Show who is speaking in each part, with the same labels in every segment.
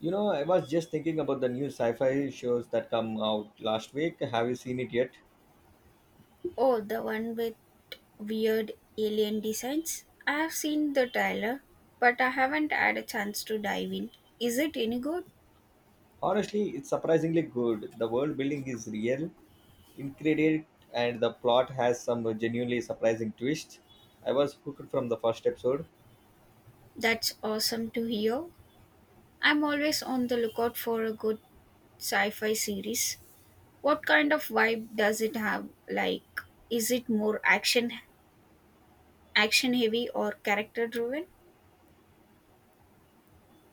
Speaker 1: You know, I was just thinking about the new sci-fi shows that come out last week. Have you seen it yet?
Speaker 2: Oh, the one with weird alien designs? I have seen the trailer, but I haven't had a chance to dive in. Is it any good?
Speaker 1: Honestly, it's surprisingly good. The world building is real, incredible, and the plot has some genuinely surprising twists. I was hooked from the first episode.
Speaker 2: That's awesome to hear. I'm always on the lookout for a good sci fi series. What kind of vibe does it have? Like, is it more action heavy or character driven?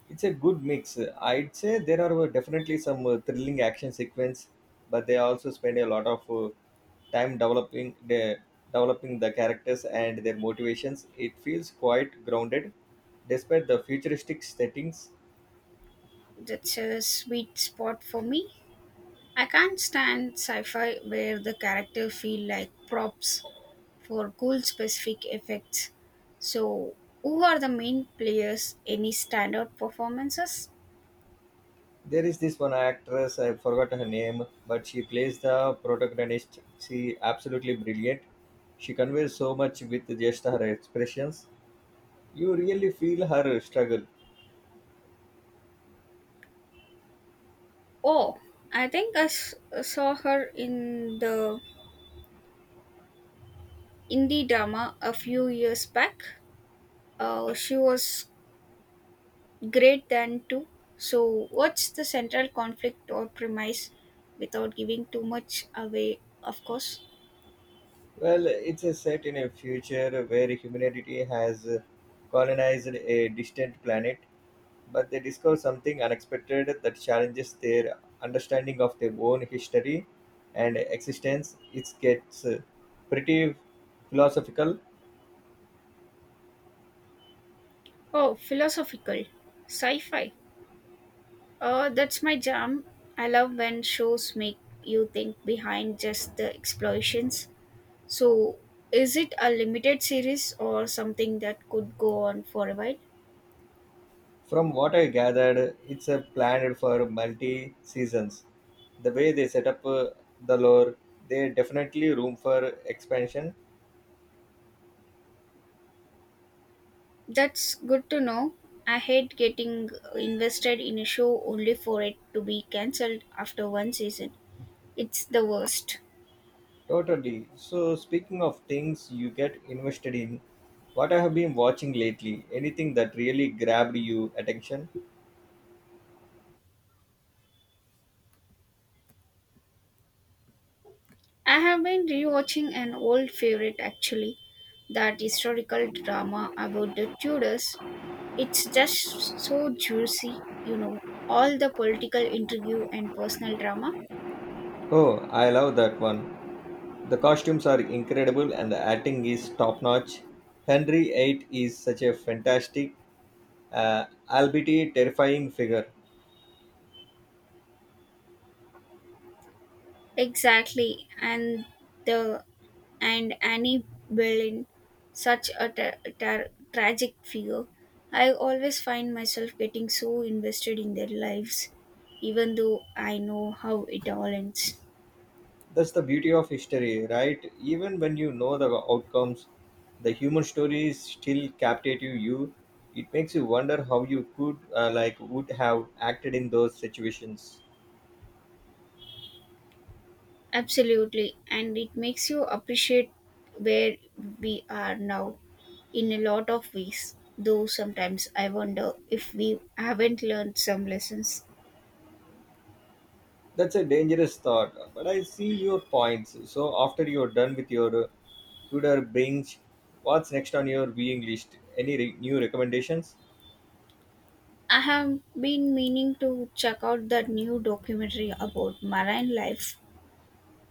Speaker 1: It's a good mix. I'd say there are definitely some thrilling action sequence, but they also spend a lot of time developing the characters and their motivations. It feels quite grounded despite the futuristic settings.
Speaker 2: That's a sweet spot for me. I can't stand sci-fi where the characters feel like props for cool specific effects. So, who are the main players? Any standout performances?
Speaker 1: There is this one actress, I forgot her name, but she plays the protagonist. She absolutely brilliant. She conveys so much with just her expressions. You really feel her struggle.
Speaker 2: Oh, I think I saw her in the indie drama a few years back. She was great then too. So, what's the central conflict or premise without giving too much away, of course?
Speaker 1: Well, it's a set in a future where humanity has colonized a distant planet, but they discover something unexpected that challenges their understanding of their own history and existence. It gets pretty philosophical.
Speaker 2: Oh, philosophical. Sci fi. That's my jam. I love when shows make you think behind just the explosions. So, is it a limited series or something that could go on for a while?
Speaker 1: From what I gathered, it's a planned for multi seasons. The way they set up the lore, they definitely room for expansion.
Speaker 2: That's good to know. I hate getting invested in a show only for it to be cancelled after one season. It's the worst.
Speaker 1: Totally. So speaking of things you get invested in, what I have been watching lately, anything that really grabbed you attention?
Speaker 2: I have been rewatching an old favorite actually, that historical drama about the Tudors. It's just so juicy, you know, all the political intrigue and personal drama.
Speaker 1: Oh, I love that one. The costumes are incredible and the acting is top notch. Henry VIII is such a fantastic, albeit a terrifying figure.
Speaker 2: Exactly, and the and Annie Boleyn, such a tragic figure. I always find myself getting so invested in their lives, even though I know how it all ends.
Speaker 1: That's the beauty of history, right? Even when you know the outcomes, the human stories still captivate you. It makes you wonder how you could, like, would have acted in those situations.
Speaker 2: Absolutely, and it makes you appreciate where we are now in a lot of ways. Though sometimes I wonder if we haven't learned some lessons.
Speaker 1: That's a dangerous thought, but I see your points. So after you're done with your Tudor binge, what's next on your viewing list? Any new recommendations?
Speaker 2: I have been meaning to check out that new documentary about marine life.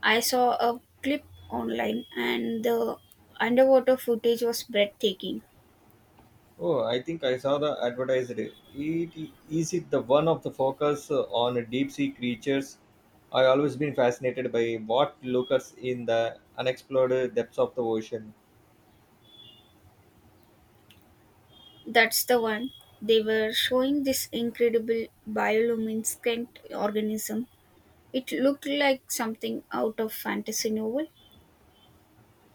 Speaker 2: I saw a clip online and the underwater footage was breathtaking.
Speaker 1: Oh, I think I saw the advertised. It, is it the one of the focus on deep sea creatures? I always been fascinated by what lurks in the unexplored depths of the ocean.
Speaker 2: That's the one. They were showing this incredible bioluminescent organism. It looked like something out of fantasy novel.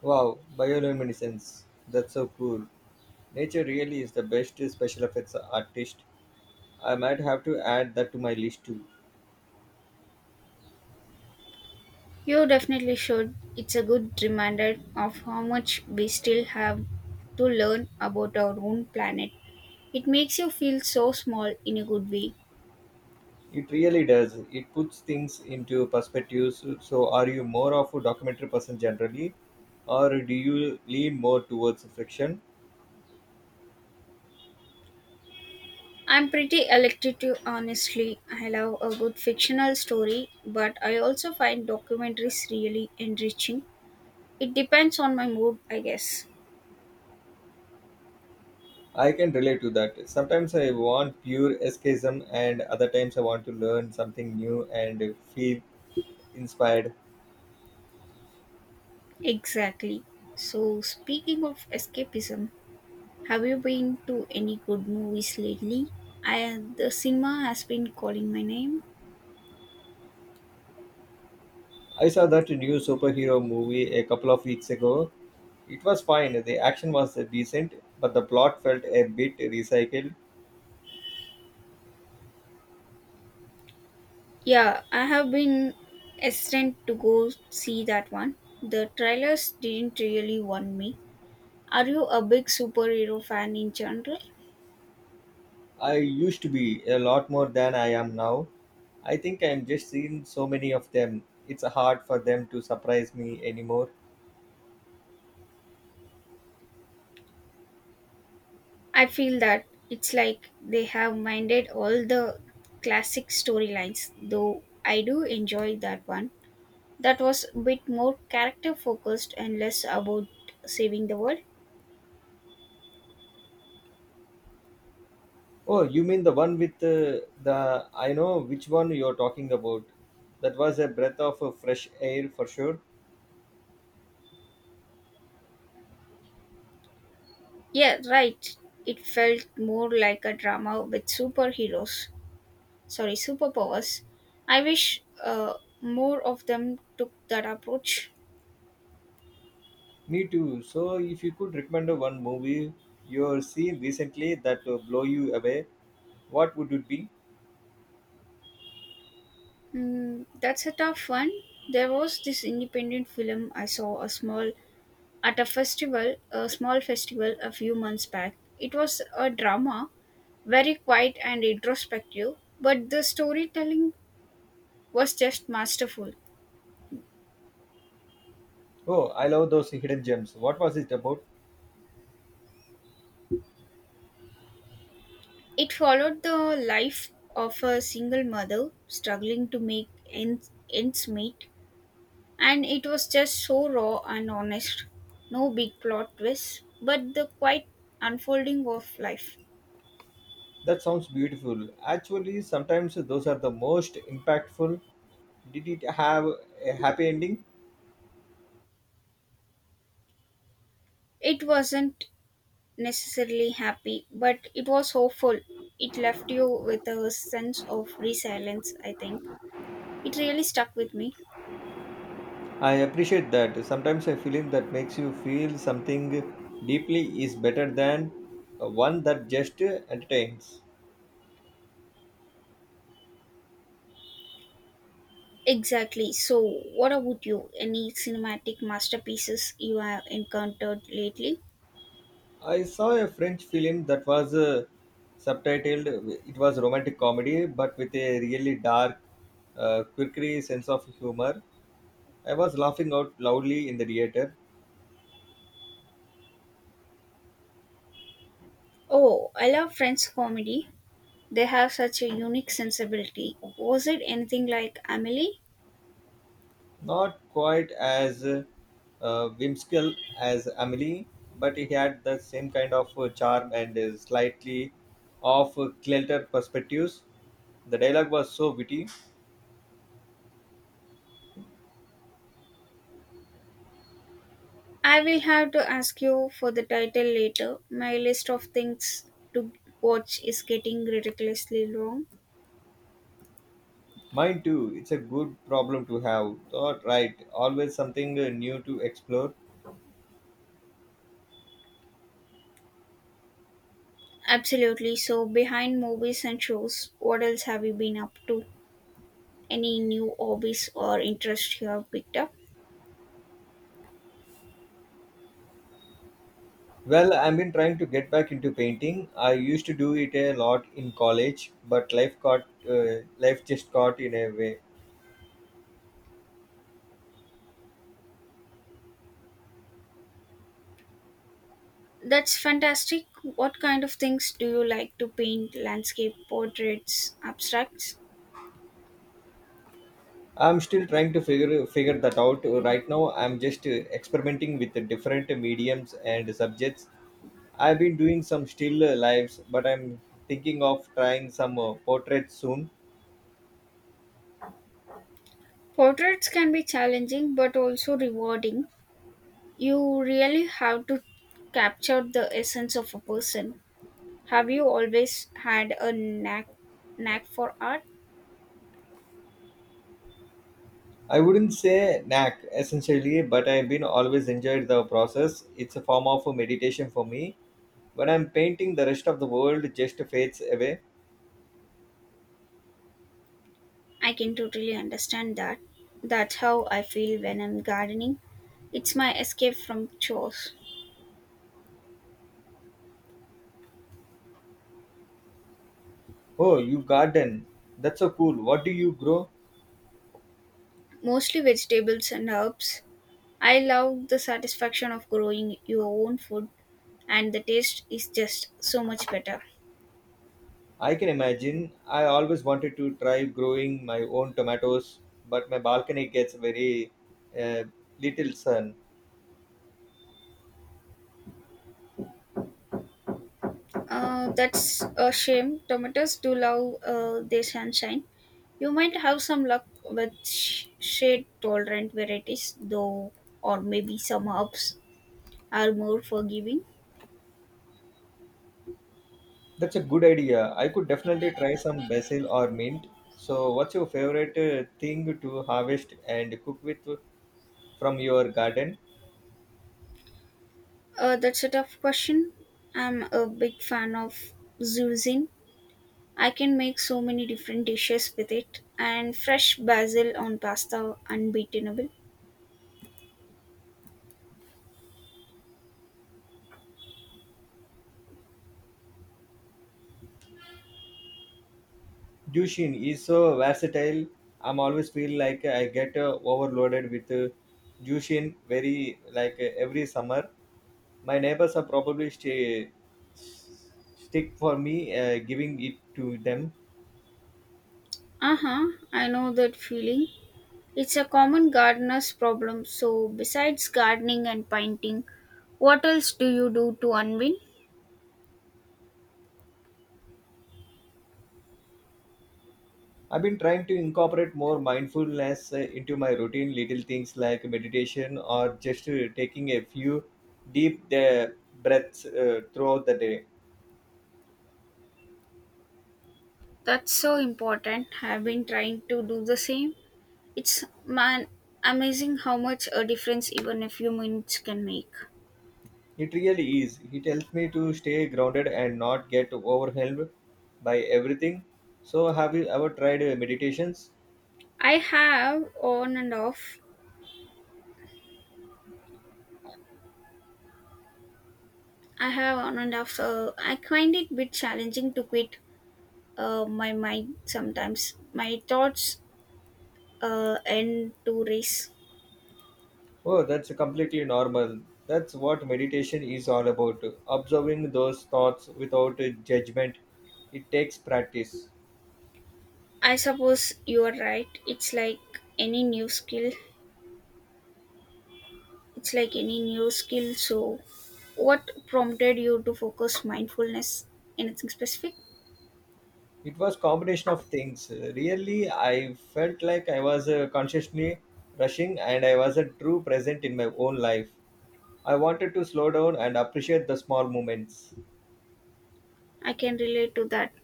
Speaker 1: Wow, bioluminescence. That's so cool. Nature really is the best special effects artist. I might have to add that to my list too.
Speaker 2: You definitely should. It's a good reminder of how much we still have to learn about our own planet. It makes you feel so small in a good way.
Speaker 1: It really does. It puts things into perspectives. So, are you more of a documentary person generally, or do you lean more towards fiction?
Speaker 2: I'm pretty elective, honestly. I love a good fictional story, but I also find documentaries really enriching. It depends on my mood, I guess.
Speaker 1: I can relate to that. Sometimes I want pure escapism, and other times I want to learn something new and feel inspired.
Speaker 2: Exactly. So, speaking of escapism, have you been to any good movies lately? I the cinema has been calling my name.
Speaker 1: I saw that new superhero movie a couple of weeks ago. It was fine, the action was decent, but the plot felt a bit recycled.
Speaker 2: Yeah, I have been hesitant to go see that one. The trailers didn't really want me. Are you a big superhero fan in general?
Speaker 1: I used to be a lot more than I am now. I think I'm just seeing so many of them. It's hard for them to surprise me anymore.
Speaker 2: I feel that it's like they have minded all the classic storylines, though I do enjoy that one. That was a bit more character focused and less about saving the world.
Speaker 1: Oh, you mean the one with the. I know which one you're talking about. That was a breath of fresh air for sure.
Speaker 2: Yeah, right. It felt more like a drama with superheroes. Sorry, superpowers. I wish more of them took that approach.
Speaker 1: Me too. So, if you could recommend one movie you've seen recently that blow you away, what would it be?
Speaker 2: Mm, that's a tough one. There was this independent film I saw a small at a festival, a small festival a few months back. It was a drama, very quiet and introspective, but the storytelling was just masterful.
Speaker 1: Oh, I love those hidden gems. What was it about?
Speaker 2: It followed the life of a single mother struggling to make ends meet, and it was just so raw and honest. No big plot twists, but the quiet unfolding of life.
Speaker 1: That sounds beautiful. Actually, sometimes those are the most impactful. Did it have a happy ending?
Speaker 2: It wasn't necessarily happy, but it was hopeful. It left you with a sense of resilience, I think. It really stuck with me.
Speaker 1: I appreciate that. Sometimes a feeling that makes you feel something deeply is better than one that just entertains.
Speaker 2: Exactly. So, what about you? Any cinematic masterpieces you have encountered lately?
Speaker 1: I saw a French film that was subtitled. It was romantic comedy, but with a really dark, quirky sense of humor. I was laughing out loudly in the theater.
Speaker 2: Oh, I love French comedy. They have such a unique sensibility. Was it anything like Amelie?
Speaker 1: Not quite as whimsical as Amelie, but he had the same kind of charm and slightly off kilter perspectives. The dialogue was so witty.
Speaker 2: I will have to ask you for the title later. My list of things to watch is getting ridiculously long.
Speaker 1: Mine too, it's a good problem to have. Thought right, always something new to explore.
Speaker 2: Absolutely. So, behind movies and shows, what else have you been up to? Any new hobbies or interests you have picked up?
Speaker 1: Well, I've been trying to get back into painting. I used to do it a lot in college, but life just got in a way.
Speaker 2: That's fantastic. What kind of things do you like to paint? Landscape, portraits, abstracts?
Speaker 1: I'm still trying to figure that out. Right now, I'm just experimenting with the different mediums and subjects. I've been doing some still lives, but I'm thinking of trying some portraits soon.
Speaker 2: Portraits can be challenging but also rewarding. You really have to capture the essence of a person. Have you always had a knack for art?
Speaker 1: I wouldn't say knack essentially, but I've been always enjoyed the process. It's a form of meditation for me. When I'm painting, the rest of the world just fades away.
Speaker 2: I can totally understand that. That's how I feel when I'm gardening. It's my escape from chores,
Speaker 1: Oh, you garden? That's so cool. What do you grow?
Speaker 2: mostly vegetables and herbs. I love the satisfaction of growing your own food, and the taste is just so much better.
Speaker 1: I can imagine. I always wanted to try growing my own tomatoes, but my balcony gets very uh, little sun.
Speaker 2: That's a shame. Tomatoes do love their sunshine. You might have some luck with shade tolerant varieties, though, or maybe some herbs are more forgiving.
Speaker 1: That's a good idea. I could definitely try some basil or mint. So, what's your favorite thing to harvest and cook with from your garden?
Speaker 2: That's a tough question. I'm a big fan of zucchini. I can make so many different dishes with it, and fresh basil on pasta unbeatable.
Speaker 1: Jushin is so versatile. I'm always feel like I get overloaded with Jushin very like every summer. My neighbors are probably s- stick for me giving it to them.
Speaker 2: Uh huh, I know that feeling. It's a common gardener's problem. So, besides gardening and painting, what else do you do to unwind?
Speaker 1: I've been trying to incorporate more mindfulness into my routine, little things like meditation or just taking a few deep breaths throughout the day.
Speaker 2: That's so important. I've been trying to do the same. It's man amazing how much a difference even a few minutes can make.
Speaker 1: It really is. It helps me to stay grounded and not get overwhelmed by everything. So, have you ever tried meditations?
Speaker 2: I have on and off. I have on and off. So I find it a bit challenging to quit my mind sometimes. My thoughts end to race.
Speaker 1: Oh, that's completely normal. That's what meditation is all about observing those thoughts without judgment. It takes practice.
Speaker 2: I suppose you are right. Any new skill. It's like any new skill. So, what prompted you to focus mindfulness? Anything specific?
Speaker 1: It was combination of things. Really, I felt like I was consciously rushing and I was not true present in my own life. I wanted to slow down and appreciate the small moments.
Speaker 2: I can relate to that.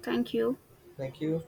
Speaker 2: Thank you.
Speaker 1: Thank you.